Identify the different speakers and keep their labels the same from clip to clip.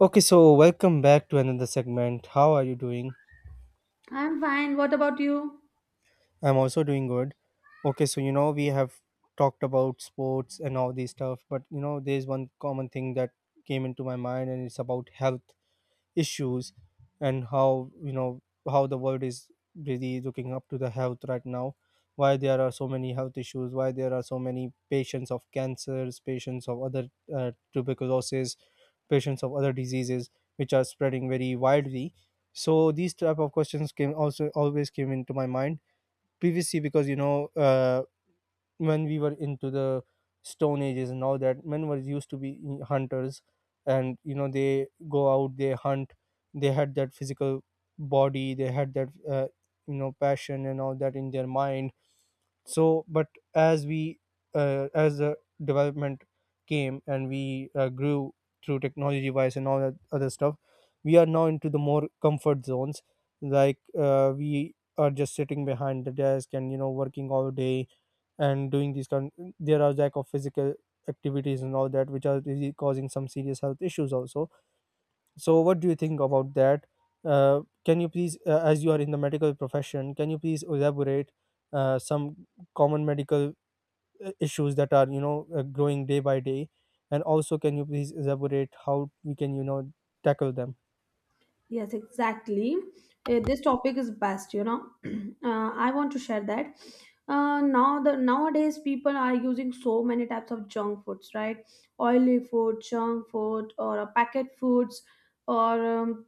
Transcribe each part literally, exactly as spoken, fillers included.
Speaker 1: Okay, so welcome back to another segment. How are you doing?
Speaker 2: I'm fine. What about you?
Speaker 1: I'm also doing good. Okay, so you know we have talked about sports and all these stuff, but you know there's one common thing that came into my mind and it's about health. issues and how you know how the world is really looking up to the health right now. Why there are so many health issues? Why there are so many patients of cancers, patients of other uh, tuberculosis, patients of other diseases which are spreading very widely. So these type of questions came, also always came into my mind previously because you know uh, when we were into the stone ages and all that, men were used to be hunters. And you know, they go out, they hunt, they had that physical body, they had that uh, you know passion and all that in their mind. So but as we uh, as the development came and we uh, grew through technology wise and all that other stuff, we are now into the more comfort zones, like uh, we are just sitting behind the desk and you know working all day and doing these kind. There are lack of physical activities and all that, which are really causing some serious health issues also. So what do you think about that? Uh, can you please, uh, as you are in the medical profession, can you please elaborate uh, some common medical uh, issues that are you know uh, growing day by day, and also can you please elaborate how we can you know tackle them?
Speaker 2: Yes, exactly. Uh, this topic is best, you know. uh, I want to share that. Uh, now the nowadays people are using so many types of junk foods, right? Oily food, junk food, or uh, packet foods, or um,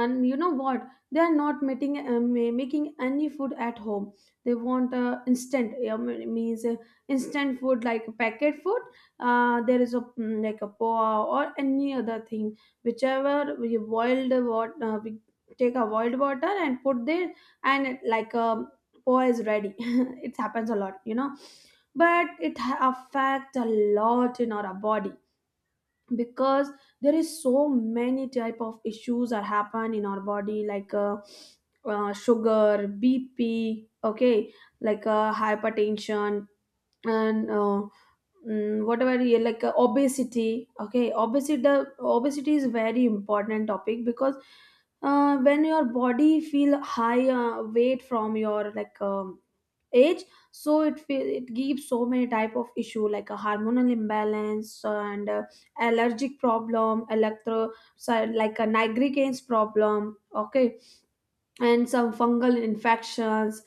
Speaker 2: and you know what, they are not making uh, ma- making any food at home. They want uh, instant uh, m- means uh, instant food like packet food. Uh, there is a mm, like a poa or any other thing. Whichever we boiled water, uh, we take a boiled water and put there, and it- like a poa is ready. It happens a lot, you know, but it ha- affects a lot in our body. Because there is so many type of issues that happen in our body, like uh, uh, sugar, bp, okay, like uh, hypertension, and uh, mm, whatever. Yeah, like uh, obesity, okay, obesity. Obesity is very important topic, because uh, when your body feel high uh, weight from your, like um, age, so it feel, it gives so many type of issue, like a hormonal imbalance and uh, allergic problem, electro, so like a nigricans problem, okay, and some fungal infections,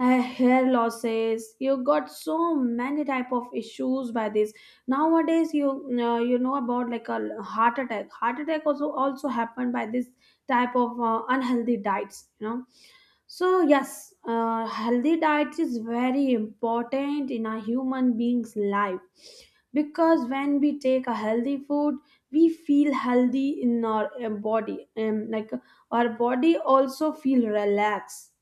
Speaker 2: uh, hair losses. You got so many type of issues by this. Nowadays you, uh, you know about, like a, heart attack. Heart attack also also happened by this type of uh, unhealthy diets, you know. So yes, uh, healthy diet is very important in a human being's life, because when we take a healthy food, we feel healthy in our uh, body, and like, our body also feel relaxed.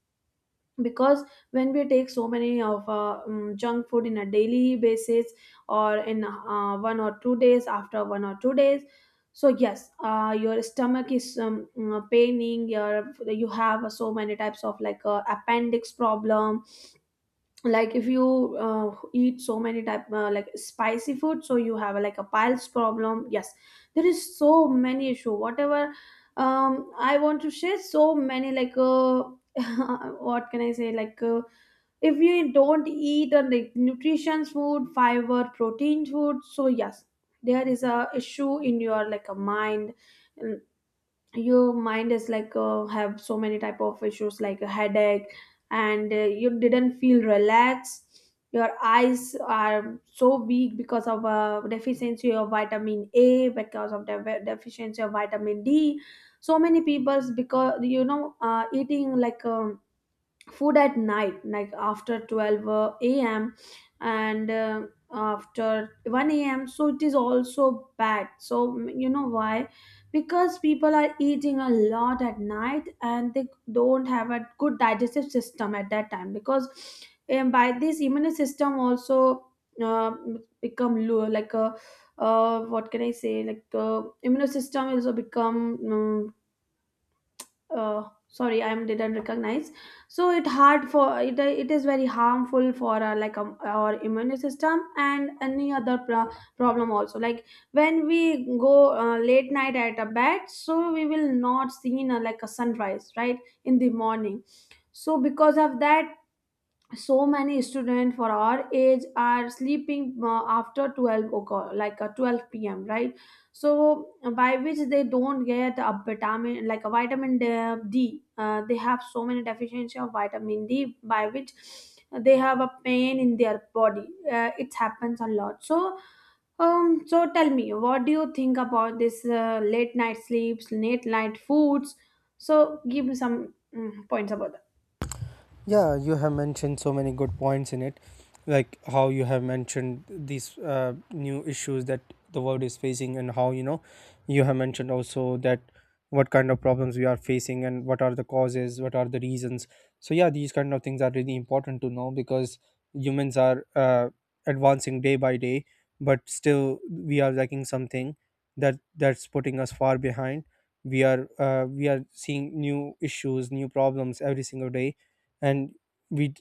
Speaker 2: Because when we take so many of uh, um, junk food in a daily basis, or in uh, one or two days, after one or two days, so yes, uh, your stomach is um, uh, paining. Your, you have uh, so many types of, like uh, appendix problem, like if you uh, eat so many type, uh, like spicy food, so you have like a piles problem. Yes, there is so many issue whatever. um I want to share so many, like uh, what can I say, like uh, if you don't eat a, like, nutrition food, fiber, protein food, so yes, there is a issue in your, like a, mind. Your mind is like uh, have so many type of issues, like a headache, and uh, you didn't feel relaxed. Your eyes are so weak because of uh, deficiency of vitamin a, because of the deficiency of vitamin d. So many people's, because you know, uh, eating, like um, food at night, like after twelve uh, a.m and uh, after one a.m, so it is also bad. So mm, you know why? Because people are eating a lot at night, and they don't have a good digestive system at that time, because um, by this, immune system also uh, become low, like a, uh, what can I say, like the immune system also become um, uh, sorry, I didn't recognize. So it hard for it, it is very harmful for our, like um, our immune system, and any other pro- problem also. Like when we go uh, late night at a bed, so we will not see uh, like a sunrise, right, in the morning. So because of that, so many students for our age are sleeping uh, after twelve o'clock, like uh, twelve p.m, right? So uh, by which they don't get a vitamin, like a vitamin d. D. Uh, they have so many deficiency of vitamin d, by which they have a pain in their body. Uh, it happens a lot. So um so tell me, what do you think about this, uh, late night sleeps, late night foods? So give me some mm, points about that.
Speaker 1: Yeah, you have mentioned so many good points in it, like how you have mentioned these uh, new issues that the world is facing, and how you know you have mentioned also that what kind of problems we are facing and what are the causes, what are the reasons. So yeah, these kind of things are really important to know because humans are uh, advancing day by day, but still we are lacking something, that that's putting us far behind. We are uh, we are seeing new issues, new problems every single day, and we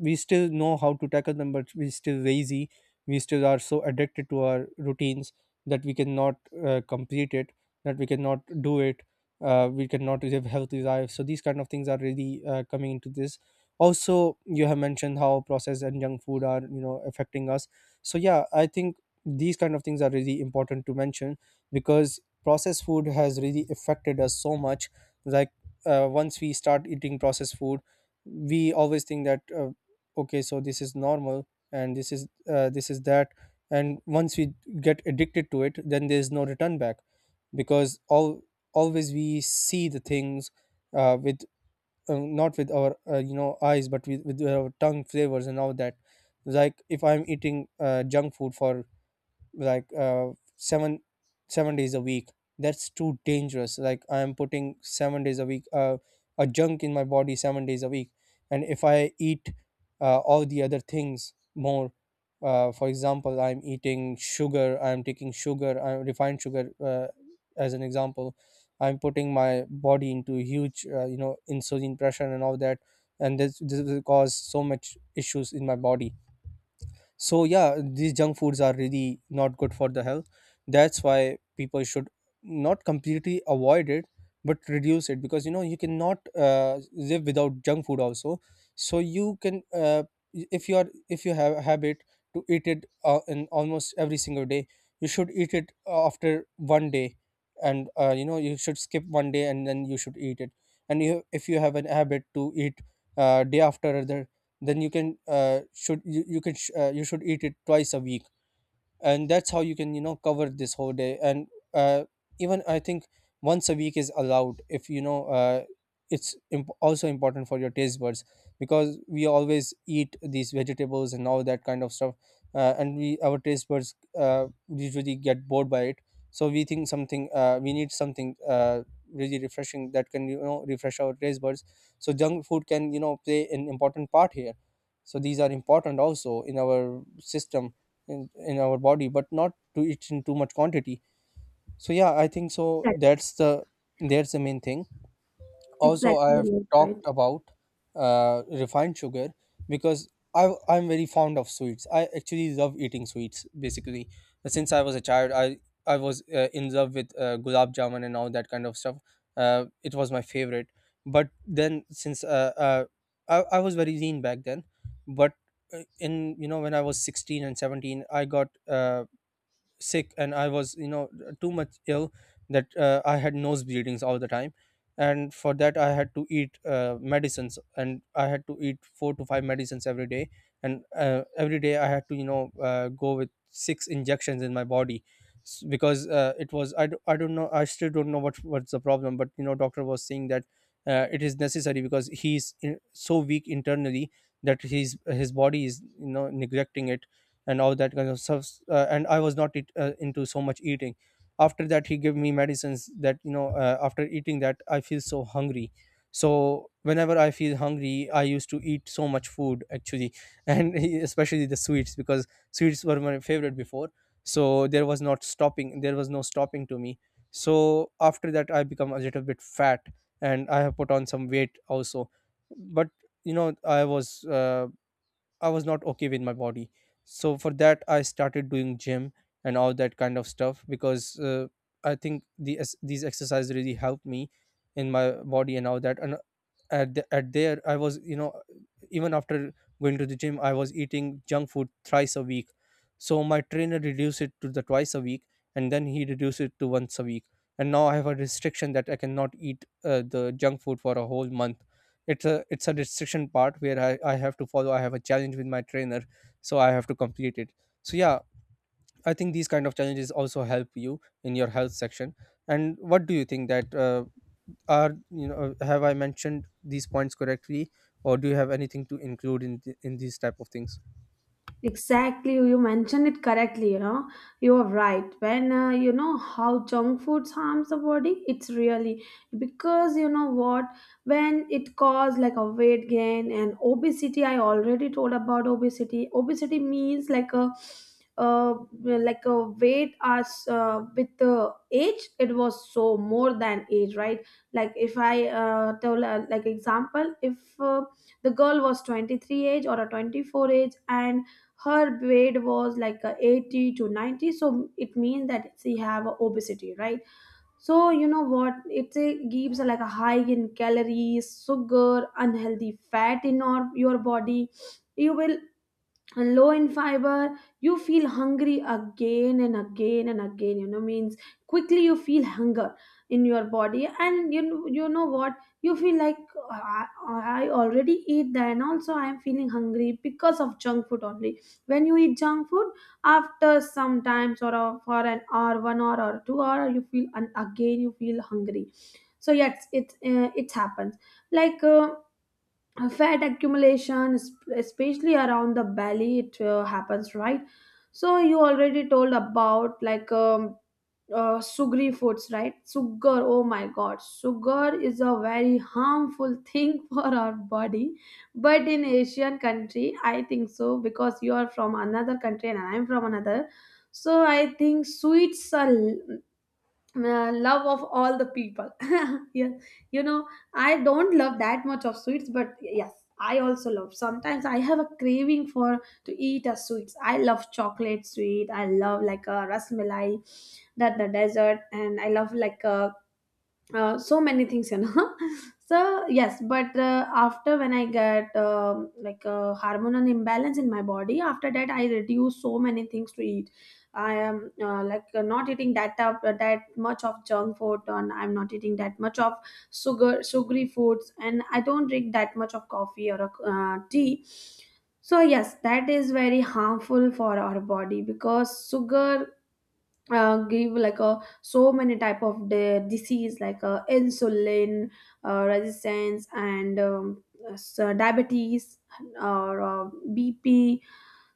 Speaker 1: we still know how to tackle them, but we still lazy, we still are so addicted to our routines that we cannot uh, complete it, that we cannot do it. Uh, we cannot live healthy lives, so these kind of things are really uh, coming into this. Also, you have mentioned how processed and junk food are you know affecting us. So yeah, I think these kind of things are really important to mention, because processed food has really affected us so much, like uh, once we start eating processed food, we always think that uh, okay, so this is normal, and this is uh, this is that. And once we get addicted to it, then there's no return back, because all always we see the things uh, with uh, not with our uh, you know eyes, but with, with our tongue flavors and all that. Like if I'm eating uh, junk food for like uh, seven seven days a week, that's too dangerous. Like I am putting seven days a week uh, a junk in my body seven days a week. And if I eat uh, all the other things more, uh, for example, i'm eating sugar i'm taking sugar I'm refined sugar, uh, as an example, I'm putting my body into huge uh, you know insulin pressure and all that. And this, this will cause so much issues in my body. So yeah, these junk foods are really not good for the health. That's why people should not completely avoid it, but reduce it, because you know you cannot uh, live without junk food also. So you can uh, if you are, if you have a habit to eat it uh, in almost every single day, you should eat it after one day, and uh, you know you should skip one day and then you should eat it. And you, if you have an habit to eat uh, day after another, then you can uh, should you, you can sh- uh, you should eat it twice a week, and that's how you can you know cover this whole day. And uh, even I think once a week is allowed, if you know uh, it's imp- also important for your taste buds, because we always eat these vegetables and all that kind of stuff. Uh, and we, our taste buds uh, usually get bored by it, so we think something, uh, we need something uh, really refreshing that can you know refresh our taste buds. So junk food can you know play an important part here. So these are important also in our system, in, in our body, but not to eat in too much quantity. So yeah, I think so that's the, that's the main thing. Also,
Speaker 2: Exactly,
Speaker 1: I have
Speaker 2: exactly, right.
Speaker 1: talked about uh, refined sugar, because I, I'm very fond of sweets, I actually love eating sweets. Basically, since I was a child, i i was uh, in love with uh, gulab jamun and all that kind of stuff. Uh, it was my favorite. But then, since uh, uh, I, I was very lean back then. But uh, in, you know, when I was sixteen and seventeen, I got uh, sick, and I was you know too much ill, that uh, I had nose bleedings all the time. And for that, I had to eat uh, medicines, and I had to eat four to five medicines every day. And uh, every day I had to you know uh, go with six injections in my body. S- because uh, it was, I, d- I don't know, I still don't know what, what's the problem, but you know doctor was saying that uh, it is necessary, because he's, in so weak internally that his his body is you know neglecting it and all that kind of stuff. Uh, and I was not eat, uh, into so much eating. After that, he gave me medicines that you know uh, after eating that, I feel so hungry. So whenever I feel hungry, I used to eat so much food actually and he- especially the sweets, because sweets were my favorite before. So there was not stopping, there was no stopping to me. So after that, I become a little bit fat, and I have put on some weight also. But you know, I was uh, I was not okay with my body. So for that, I started doing gym and all that kind of stuff, because uh, I think the ex- these exercises really helped me in my body and all that. And at the, at there, I was you know even after going to the gym, I was eating junk food thrice a week. So my trainer reduced it to the twice a week, and then he reduced it to once a week. And now I have a restriction that I cannot eat uh, the junk food for a whole month. It's a, it's a restriction part where I, I have to follow. I have a challenge with my trainer, so I have to complete it. So yeah, I think these kind of challenges also help you in your health section. And what do you think that uh, are you know, have I mentioned these points correctly, or do you have anything to include in th- in these type of things?
Speaker 2: Exactly, you mentioned it correctly. You know, you are right. When, uh, you know, how junk foods harms the body, it's really, because you know what, when it cause like a weight gain and obesity. I already told about obesity. Obesity means like a, uh, like a weight as, uh, with the age, it was so more than age, right? Like if I uh, tell, uh, like example, if uh, the girl was twenty-three age or a twenty-four age, and her weight was like uh, eighty to ninety, so it means that she have obesity, right? So you know what, it uh, gives like a high in calories, sugar, unhealthy fat in your, your body. You will, and low in fiber, you feel hungry again and again and again, you know, means quickly you feel hunger in your body. And you know, you know what, you feel like, I, I already eat that, and also I am feeling hungry, because of junk food only. When you eat junk food, after sometimes, or a- for an hour, one hour or two hour, you feel and again you feel hungry. So yes, it, uh, it happens, like uh, uh, fat accumulation, es- especially around the belly, it uh, happens, right? So you already told about, like um, uh, sugary foods, right? Sugar, oh my god, sugar is a very harmful thing for our body. But in asian country, I think so, because you are from another country and I'm from another. So I think sweets are uh, love of all the people. Yeah, you know, I don't love that much of sweets, but yes, I also love sometimes, I have a craving for to eat a sweets. I love chocolate sweet, I love like a rasmalai, that the dessert, and I love like a uh, so many things, you know. So yes, but uh, after when I get um, like a hormonal imbalance in my body, after that I reduce so many things to eat. I am, uh, like uh, not eating that up that much of junk food, and I'm not eating that much of sugar, sugary foods, and I don't drink that much of coffee, or uh, tea. So yes, that is very harmful for our body, because sugar uh, give like a so many type of the disease, like uh, insulin uh, resistance, and um, s- uh, diabetes, uh, or uh, bp.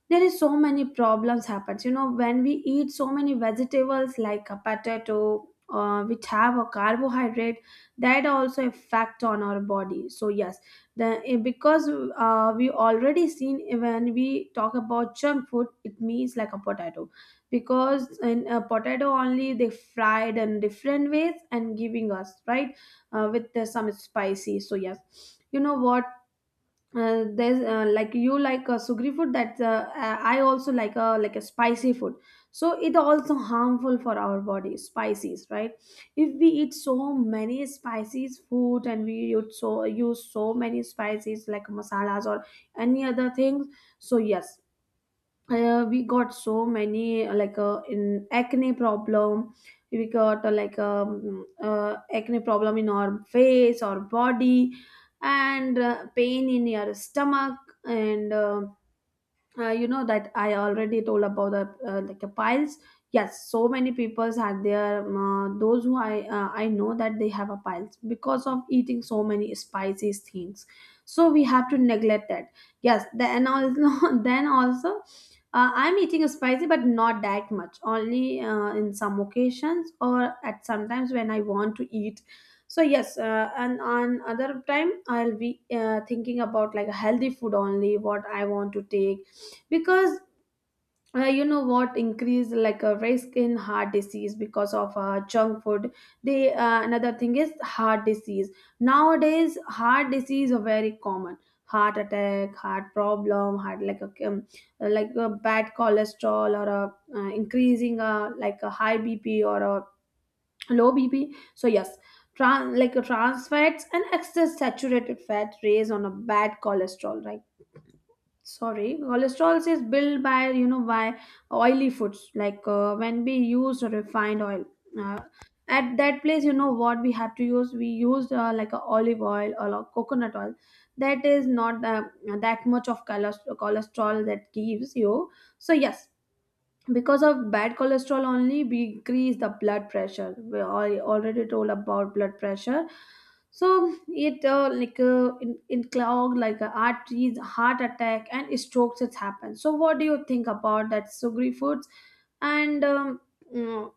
Speaker 2: There is so many problems happens, you know, when we eat so many vegetables like a potato, uh, which have a carbohydrate, that also affect on our body. So yes, the eh, because uh, we already seen, eh, when we talk about junk food, it means like a potato, because in a potato only, they fried in different ways and giving us, right, uh, with the, some spicy. So yes, you know what, uh, there's uh, like you like a sugary food, that uh, uh, I also like a like a spicy food. So it also harmful for our body, spices, right? If we eat so many spices food, and we use so use so many spices like masalas or any other things. So yes, uh, we got so many uh, like uh, in acne problem, we got uh, like um, uh, acne problem in our face or body, and uh, pain in your stomach, and uh, uh, you know that I already told about the uh, like a piles. Yes, so many peoples had their um, uh, those who I, uh, I know that they have a piles because of eating so many spicy things. So we have to neglect that. Yes, then also, then also uh, I'm eating a spicy, but not that much, only uh, in some occasions, or at sometimes when I want to eat. So yes, uh, and on other time, I'll be uh, thinking about like a healthy food only, what I want to take. Because uh, you know what, increase like a risk in heart disease because of uh, junk food. They, uh, another thing is heart disease. Nowadays heart disease are very common. Heart attack, heart problem, heart, like a um, like a bad cholesterol, or a uh, increasing, uh, like a high bp, or a low bp. So yes, trans, like a trans fats and excess saturated fat raise on a bad cholesterol, right? Sorry, cholesterol is built by, you know, by oily foods, like uh, when we use refined oil uh, at that place. You know what we have to use, we use uh, like a olive oil or a coconut oil. That is not uh, that much of choles- cholesterol that gives you. So yes, because of bad cholesterol only, we increase the blood pressure. We al- already told about blood pressure. So it uh, like uh, in, in clog like uh, arteries, heart attack and strokes it happens. So what do you think about that, sugary foods, and um, mm,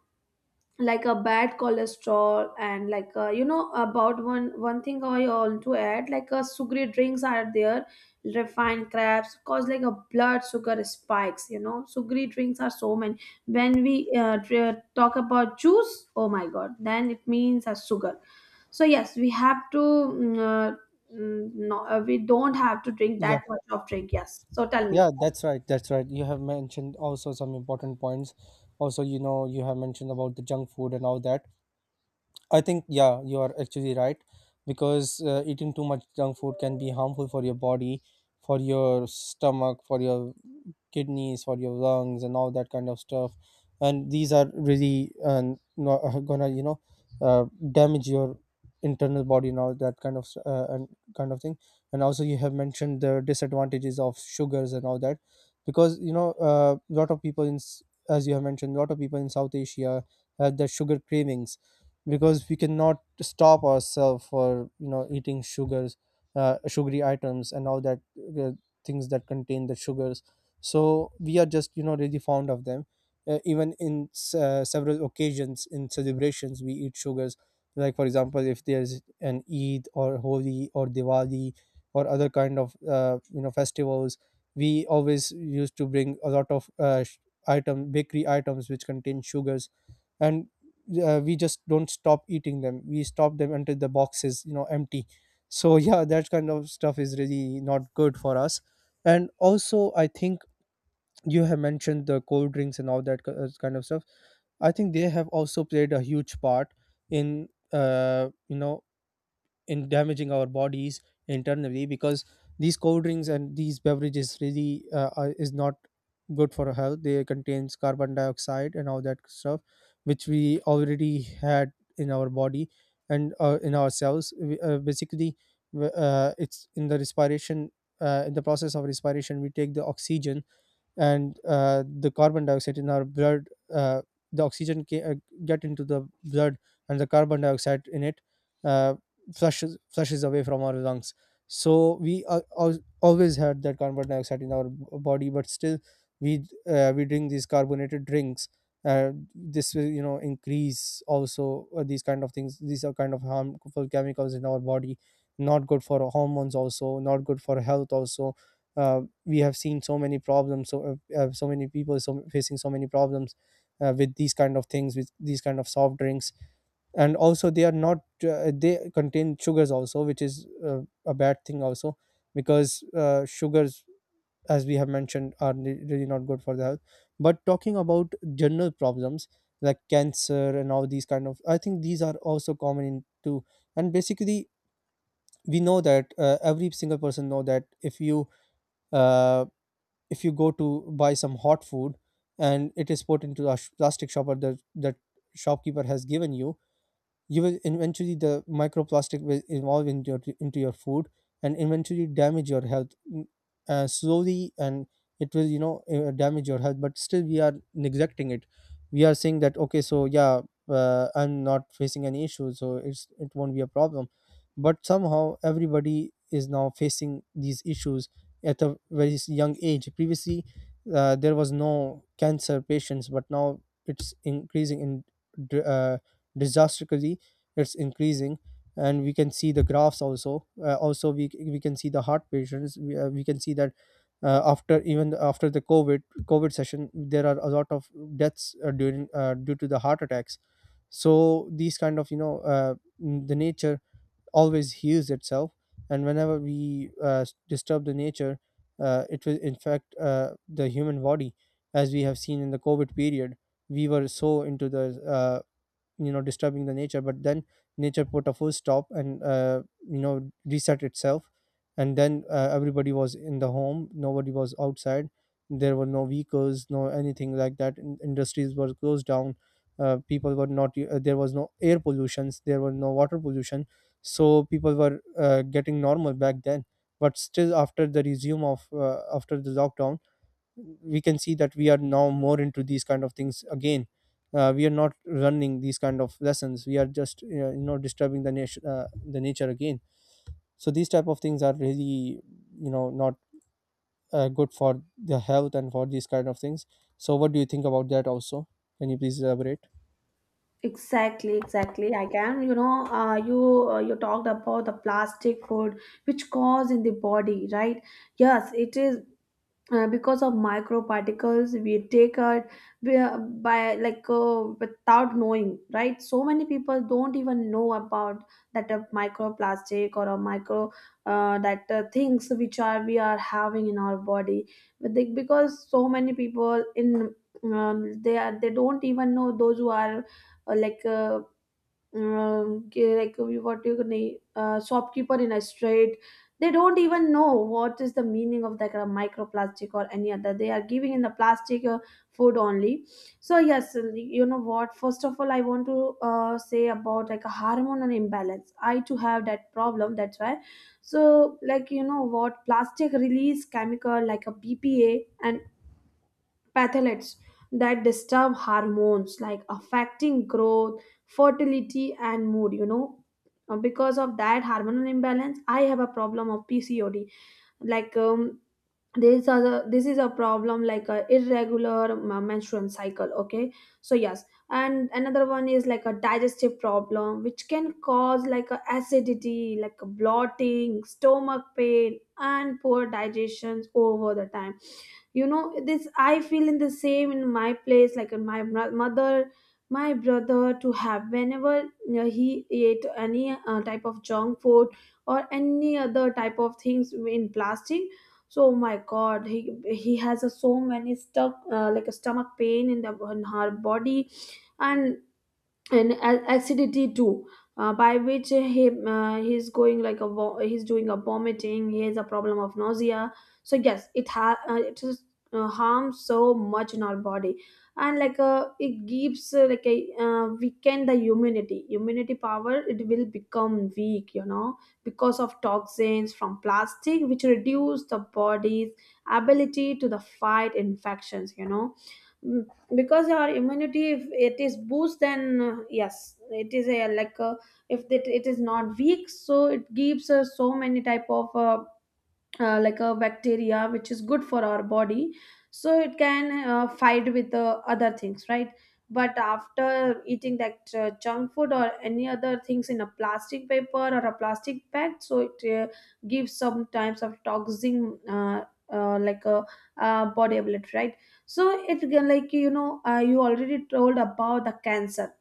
Speaker 2: like a bad cholesterol, and like uh, you know about one one thing I want to add, like uh, sugary drinks are there. Refined crabs cause like a blood sugar spikes, you know, sugary drinks Are so many. When we uh, dr- talk about juice, oh my god, then it means a sugar. So yes, we have to mm, uh, mm, no uh, we don't have to drink
Speaker 1: Yeah,
Speaker 2: that much of drink. Yes, so tell me.
Speaker 1: yeah, that's right. That's right. You have mentioned also some important points. Also, you know, you have mentioned about the junk food and all that. I think yeah, you are actually right, because uh, eating too much junk food can be harmful for your body, for your stomach, for your kidneys, for your lungs, and all that kind of stuff. And these are really um, not uh, no, gonna you know uh, damage your internal body and all that kind of s- uh, and kind of thing. And also you have mentioned the disadvantages of sugars and all that because you know a lot of people in s- as you have mentioned, a lot of people in South Asia have the sugar cravings because we cannot stop ourselves for you know eating sugars, uh, sugary items and all that, uh, things that contain the sugars. So we are just you know really fond of them. Uh, even in s- uh, several occasions in celebrations we eat sugars, like for example if there's an Eid or Holi or Diwali or other kind of uh, you know festivals, we always used to bring a lot of uh, sh- item, bakery items which contain sugars. And uh, we just don't stop eating them, we stop them until the box is you know empty. So yeah, that kind of stuff is really not good for us. And also I think you have mentioned the cold drinks and all that ki- uh, kind of stuff. I think they have also played a huge part in uh, you know in damaging our bodies internally, because these cold drinks and these beverages really uh, are, is not good for our health. They contains carbon dioxide and all that stuff, which we already had in our body. And uh, in ourselves, We- uh, basically, w- uh, it's in the respiration. Uh, in the process of respiration we take the oxygen and uh, the carbon dioxide in our blood. uh, the oxygen ca- uh, get into the blood and the carbon dioxide in it, uh, flushes flushes away from our lungs. So we are al- always had that carbon dioxide in our b- body, but still we uh, we drink these carbonated drinks. Uh, this will you know increase also uh, these kind of things, these are kind of harmful chemicals in our body, not good for hormones, also not good for health also. Uh, we have seen so many problems. So uh, uh, so many people so facing so many problems uh, with these kind of things, with these kind of soft drinks. And also they are not uh, they contain sugars also, which is uh, a bad thing also, because uh, sugars, as we have mentioned, are re- really not good for the health. But talking about general problems like cancer and all these kind of, I think these are also common in too. And basically we know that uh, every single person know that if you uh, if you go to buy some hot food and it is put into a sh- plastic shopper that that shopkeeper has given you, you will eventually, the microplastic will evolve into your, into your food and eventually damage your health. Mm, uh, slowly, and it will you know uh, damage your health, but still we are neglecting it. We are saying that okay, so yeah, uh, I'm not facing any issues, so it's it won't be a problem. But somehow everybody is now facing these issues at a very s- young age. Previously uh, there was no cancer patients, but now it's increasing in, dr- uh, disastrously it's increasing. And we can see the graphs also, uh, also we, we can see the heart patients, we, uh, we can see that uh, after, even after the covid covid session, there are a lot of deaths uh, during uh, due to the heart attacks. So these kind of you know uh, the nature always heals itself. And whenever we uh, disturb the nature, uh, it will infect uh, the human body. As we have seen in the covid period, we were so into the uh, you know disturbing the nature, but then nature put a full stop and uh, you know reset itself. And then uh, everybody was in the home, nobody was outside. There were no vehicles, no anything like that. In- industries were closed down. Uh, people were not u- uh, there was no air pollutions, there were no water pollution. So people were uh, getting normal back then. But still, after the resume of uh, after the lockdown, we can see that we are now more into these kind of things again. Uh, we are not running these kind of lessons, we are just you know, you know disturbing the nation uh, the nature again. So these type of things are really you know not uh, good for the health and for these kind of things. So what do you think about that also? Can you please elaborate?
Speaker 2: Exactly, exactly. I can, you know, uh, you uh, you talked about the plastic food which cause in the body, right? Yes, it is uh, because of microparticles we take it by, by like uh, without knowing, right? So many people don't even know about that a microplastic or a micro, uh, that uh, things which are we are having in our body. But they, because so many people in, um, they are, they don't even know. Those who are uh, like uh, um, ge- like uh, what you can, uh, shopkeeper in a street, they don't even know what is the meaning of that kind of microplastic or any other they are giving in the plastic uh, food only. So yes, you know what, first of all I want to uh, say about like a hormonal imbalance. I too have that problem, that's why. So like, you know what, plastic release chemical like a BPA and pathogens that disturb hormones, like affecting growth, fertility and mood, you know. Uh, because of that hormonal imbalance I have a problem of PCOD, like, um, this is a this is a problem like a irregular m- menstrual cycle, okay. So yes, and another one is like a digestive problem which can cause like a acidity, like a bloating, stomach pain and poor digestions over the time, you know. This I feel in the same in my place, like in my bro- mother, my brother to have, whenever you know, he ate any uh, type of junk food or any other type of things in plastic. So my god, he he has a so many stuck uh, like a stomach pain in the in her body, and and a- acidity too, uh, by which he, uh, he's going like a vo- he's doing a vomiting, he has a problem of nausea. So yes it ha- uh, it is uh, harms so much in our body. And like uh, it gives uh, like a uh, weaken the immunity, immunity power, it will become weak, you know, because of toxins from plastic which reduce the body's ability to the fight infections, you know. Mm, because our immunity, if it is boost, then uh, yes it is a like uh, if it, it is not weak, so it gives us so many type of uh, uh, like a bacteria which is good for our body, so it can uh, fight with the other things, right? But after eating that uh, junk food or any other things in a plastic paper or a plastic bag, so it uh, gives some types of toxic uh, uh, like a uh, body ability, right? So it can, like you know, uh, you already told about the cancer.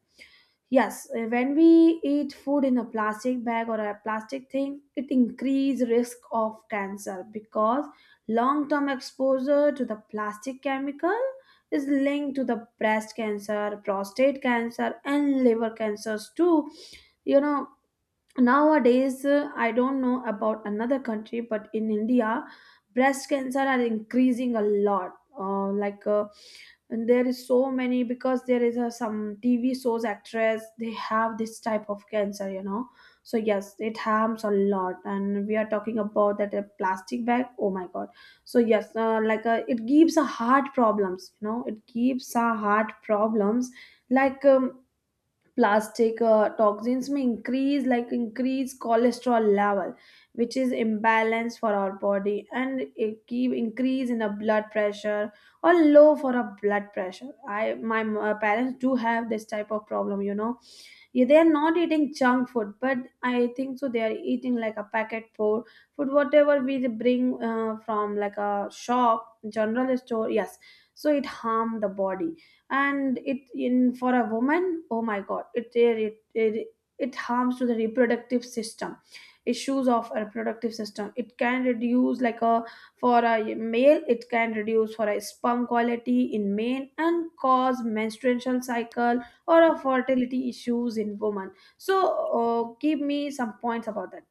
Speaker 2: Yes, uh, when we eat food in a plastic bag or a plastic thing, it increase risk of cancer, because long-term exposure to the plastic chemical is linked to the breast cancer, prostate cancer, and liver cancers too. You know, nowadays uh, I don't know about another country, but in India, breast cancer are increasing a lot. Uh, like uh, and there is so many, because there is a, some TV shows actress, they have this type of cancer, you know. So yes, it harms a lot, and we are talking about that a plastic bag, oh my god. So yes, uh, like uh, it gives a heart problems, you know, it gives a heart problems, like, um, plastic uh, toxins may increase, like, increase cholesterol level which is imbalance for our body, and it keep increase in the blood pressure or low for a blood pressure. I, my uh, parents do have this type of problem, you know. Yeah, they are not eating junk food, but I think so. They are eating like a packet food, food whatever we bring uh, from like a shop, general store. Yes, so it harm the body, and it in for a woman. Oh my God, it really, it it, it harms to the reproductive system, issues of a reproductive system. It can reduce like a, for a male it can reduce for a sperm quality in men, and cause menstrual cycle or of fertility issues in women. So uh, give me some points about that.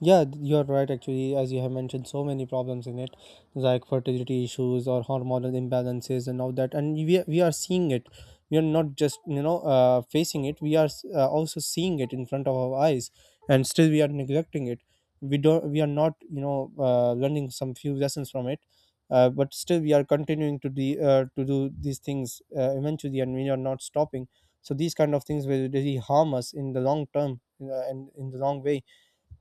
Speaker 1: Yeah, th- you're right. Actually, as you have mentioned, so many problems in it, like fertility issues or hormonal imbalances and all that. And we we are seeing it. We are not just you know uh, facing it. We are s- uh, also seeing it in front of our eyes, and still we are neglecting it. We don't. We are not you know uh, learning some few lessons from it. Uh, but still, we are continuing to the uh, to do these things uh, eventually, and we are not stopping. So these kind of things will really harm us in the long term uh, and in the long way,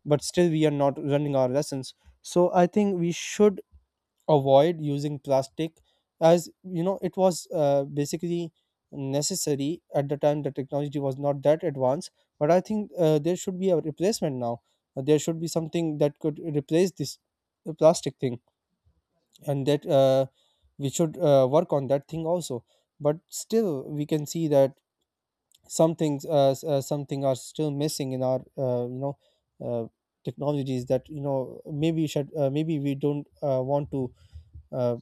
Speaker 1: but still we are not running our lessons. So I think we should avoid using plastic, as you know it was uh, basically necessary at the time, the technology was not that advanced. But I think uh, there should be a replacement now. Uh, there should be something that could replace this uh, plastic thing, and that uh, we should uh, work on that thing also. But still we can see that some things uh, s- uh, something are still missing in our uh, you know uh, technologies, that you know maybe we should uh, maybe we don't uh, want to uh,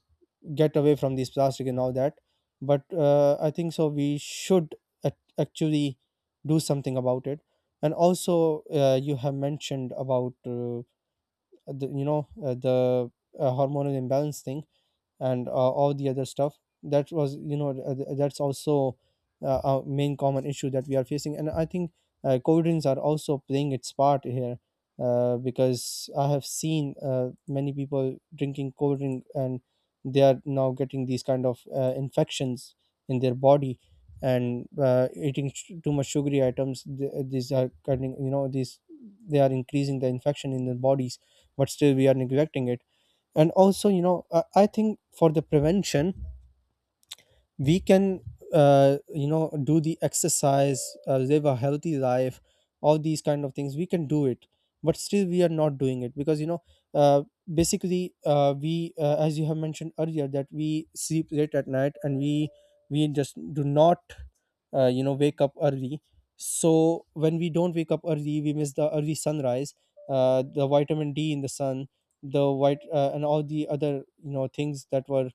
Speaker 1: get away from these plastic and all that. But uh, I think so we should ac- actually do something about it. And also uh, you have mentioned about uh, the, you know uh, the uh, hormonal imbalance thing and uh, all the other stuff. That was you know uh, th- that's also uh, a main common issue that we are facing. And I think uh, cold are also playing its part here, uh, because I have seen uh, many people drinking cold drink and they are now getting these kind of uh, infections in their body. And uh, eating sh- too much sugary items, th- these are cutting you know these, they are increasing the infection in their bodies, but still we are neglecting it. And also you know uh, I think for the prevention, we can uh, you know do the exercise, uh, live a healthy life, all these kind of things we can do it. But still we are not doing it because you know uh, basically uh, we uh, as you have mentioned earlier, that we sleep late at night, and we we just do not uh, you know wake up early. So when we don't wake up early, we miss the early sunrise, uh, the vitamin d in the sun, the white uh, and all the other you know things that were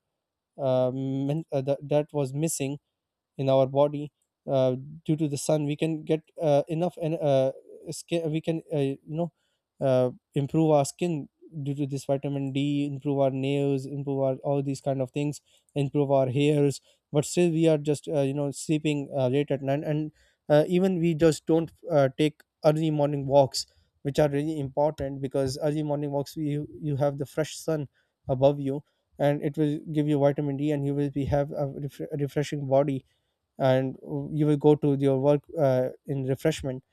Speaker 1: uh, men- uh, that that was missing in our body. uh, Due to the sun, we can get uh, enough, and uh, skin, we can uh, you know uh, improve our skin due to this vitamin d, improve our nails, improve our all these kind of things, improve our hairs. But still we are just uh, you know sleeping uh, late at night, and uh, even we just don't uh, take early morning walks, which are really important because early morning walks, you you have the fresh sun above you, and it will give you vitamin d, and you will be have a, refre- a refreshing body, and you will go to your work uh, in refreshment.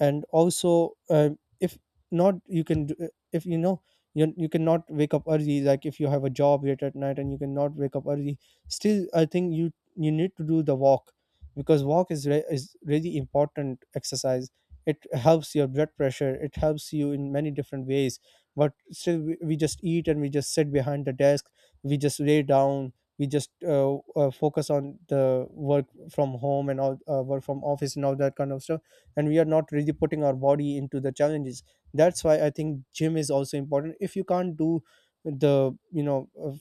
Speaker 1: And also uh, if not, you can do, if you know you, you cannot wake up early, like if you have a job late at night and you cannot wake up early, still I think you you need to do the walk, because walk is re- is really important exercise. It helps your blood pressure, it helps you in many different ways. But still we, we just eat, and we just sit behind the desk, we just lay down, we just uh, uh, focus on the work from home, and all uh, work from office and all that kind of stuff. And we are not really putting our body into the challenges. That's why I think gym is also important. If you can't do the you know of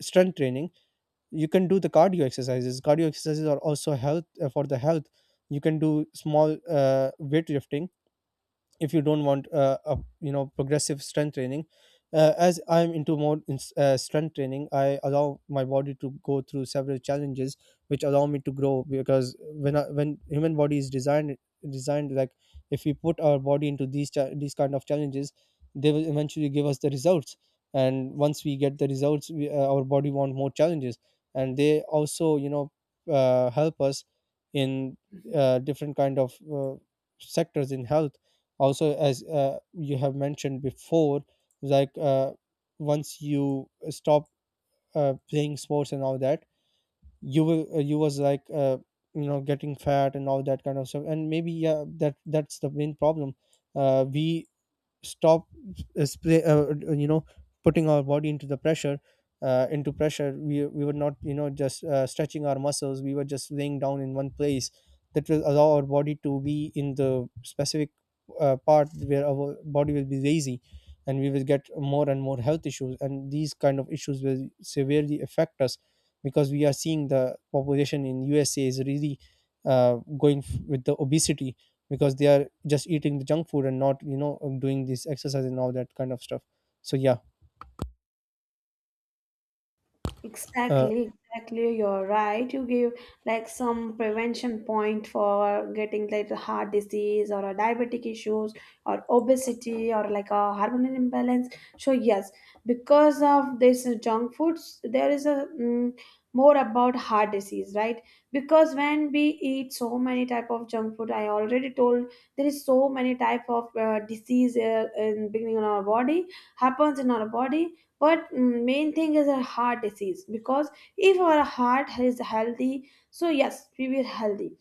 Speaker 1: strength training, you can do the cardio exercises. Cardio exercises are also health uh, for the health. You can do small uh, weightlifting, if you don't want uh, a you know progressive strength training. Uh, as I'm into more in, uh, strength training, I allow my body to go through several challenges, which allow me to grow. Because when I, when human body is designed, designed like, if we put our body into these cha- these kind of challenges, they will eventually give us the results. And once we get the results, we, uh, our body want more challenges. And they also you know uh, help us in uh, different kind of uh, sectors in health. Also, as uh, you have mentioned before, like uh, once you stop uh, playing sports and all that, you will uh, you was like uh, you know getting fat and all that kind of stuff. And maybe yeah, that that's the main problem. Uh, we stop uh, spray, uh, uh, you know putting our body into the pressure. Uh, into pressure, we, we were not you know just uh, stretching our muscles, we were just laying down in one place. That will allow our body to be in the specific uh, part where our body will be lazy, and we will get more and more health issues, and these kind of issues will severely affect us. Because we are seeing the population in USA is really uh, going f- with the obesity, because they are just eating the junk food and not you know doing this exercise and all that kind of stuff. So yeah, uh,
Speaker 2: Exactly, exactly. You're right. You give like some prevention point for getting like a heart disease or a diabetic issues or obesity or like a hormonal imbalance. So yes, because of this junk foods, there is a, mm, more about heart disease, right? Because when we eat so many type of junk food, I already told there is so many type of uh, disease uh, in beginning in our body, happens in our body, but mm, main thing is a heart disease, because if our heart is healthy, so yes we will healthy.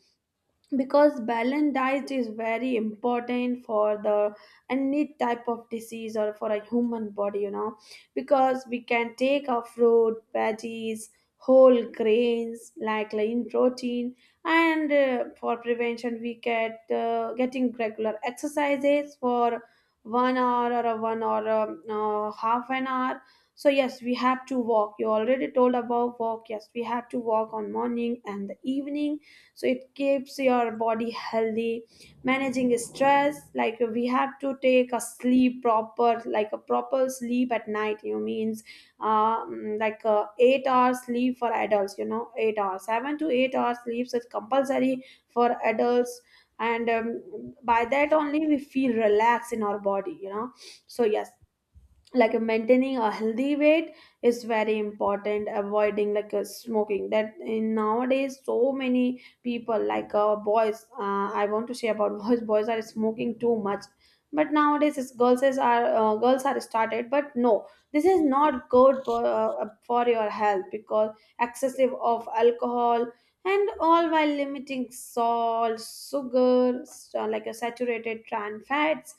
Speaker 2: Because balanced diet is very important for the any type of disease or for a human body, you know, because we can take our fruit veggies, whole grains, like lean protein. And uh, for prevention we get uh, getting regular exercises for one hour or a one or um, uh, half an hour. So yes, we have to walk, you already told about walk. Yes, we have to walk on morning and the evening, so it keeps your body healthy. Managing stress, like we have to take a sleep proper, like a proper sleep at night, you means, uh, mm, like uh, eight hours sleep for adults, you know, eight hours, seven to eight hours sleeps is compulsory for adults. And um, by that only we feel relaxed in our body, you know. So yes, like uh, maintaining a healthy weight is very important. Avoiding like uh, smoking, that in nowadays so many people, like, uh, boys, uh, I want to say about boys boys are smoking too much. But nowadays it's girls is are, uh, girls are started, but no, this is not good for, uh, for your health, because excessive of alcohol and all, while limiting salt, sugar, s- uh, like a saturated trans fats.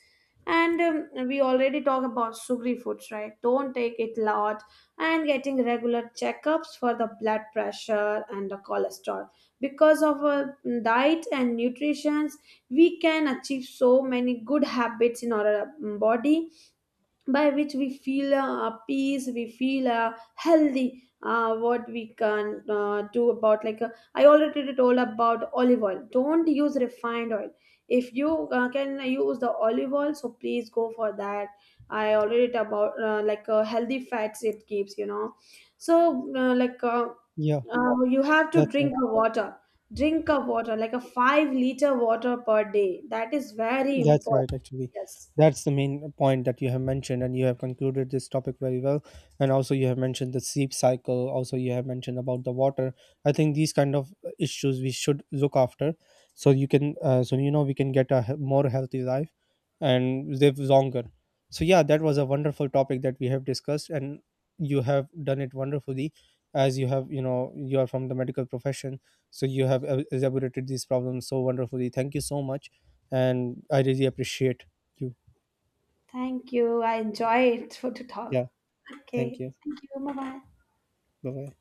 Speaker 2: And um, we already talk about sugary foods, right? Don't take it lot. And getting regular checkups for the blood pressure and the cholesterol. Because of our diet and nutrition, we can achieve so many good habits in our um, body, by which we feel uh, peace, we feel uh, healthy. Uh, what we can uh, do about, like uh, I already told about olive oil, don't use refined oil. If you uh, can use the olive oil, so please go for that. I already talked about uh, like uh, healthy fats, it keeps, you know. So uh, like uh,
Speaker 1: yeah,
Speaker 2: uh, you have to
Speaker 1: that's
Speaker 2: drink
Speaker 1: all.
Speaker 2: the water, drink of water like a five liter water per day, that is very
Speaker 1: That's
Speaker 2: important.
Speaker 1: right, actually.
Speaker 2: Yes.
Speaker 1: That's the main point that you have mentioned, and you have concluded this topic very well. And also, you have mentioned the sleep cycle. Also, you have mentioned about the water. I think these kind of issues we should look after, so you can, uh, so you know, we can get a he- more healthy life and live longer. So yeah, that was a wonderful topic that we have discussed, and you have done it wonderfully, as you have, you know, you are from the medical profession, so you have uh, elaborated these problems so wonderfully. Thank you so much, and I really appreciate you.
Speaker 2: Thank you. I enjoyed for to talk.
Speaker 1: Yeah, thank
Speaker 2: Okay.
Speaker 1: you,
Speaker 2: Thank you. Bye bye.
Speaker 1: bye bye.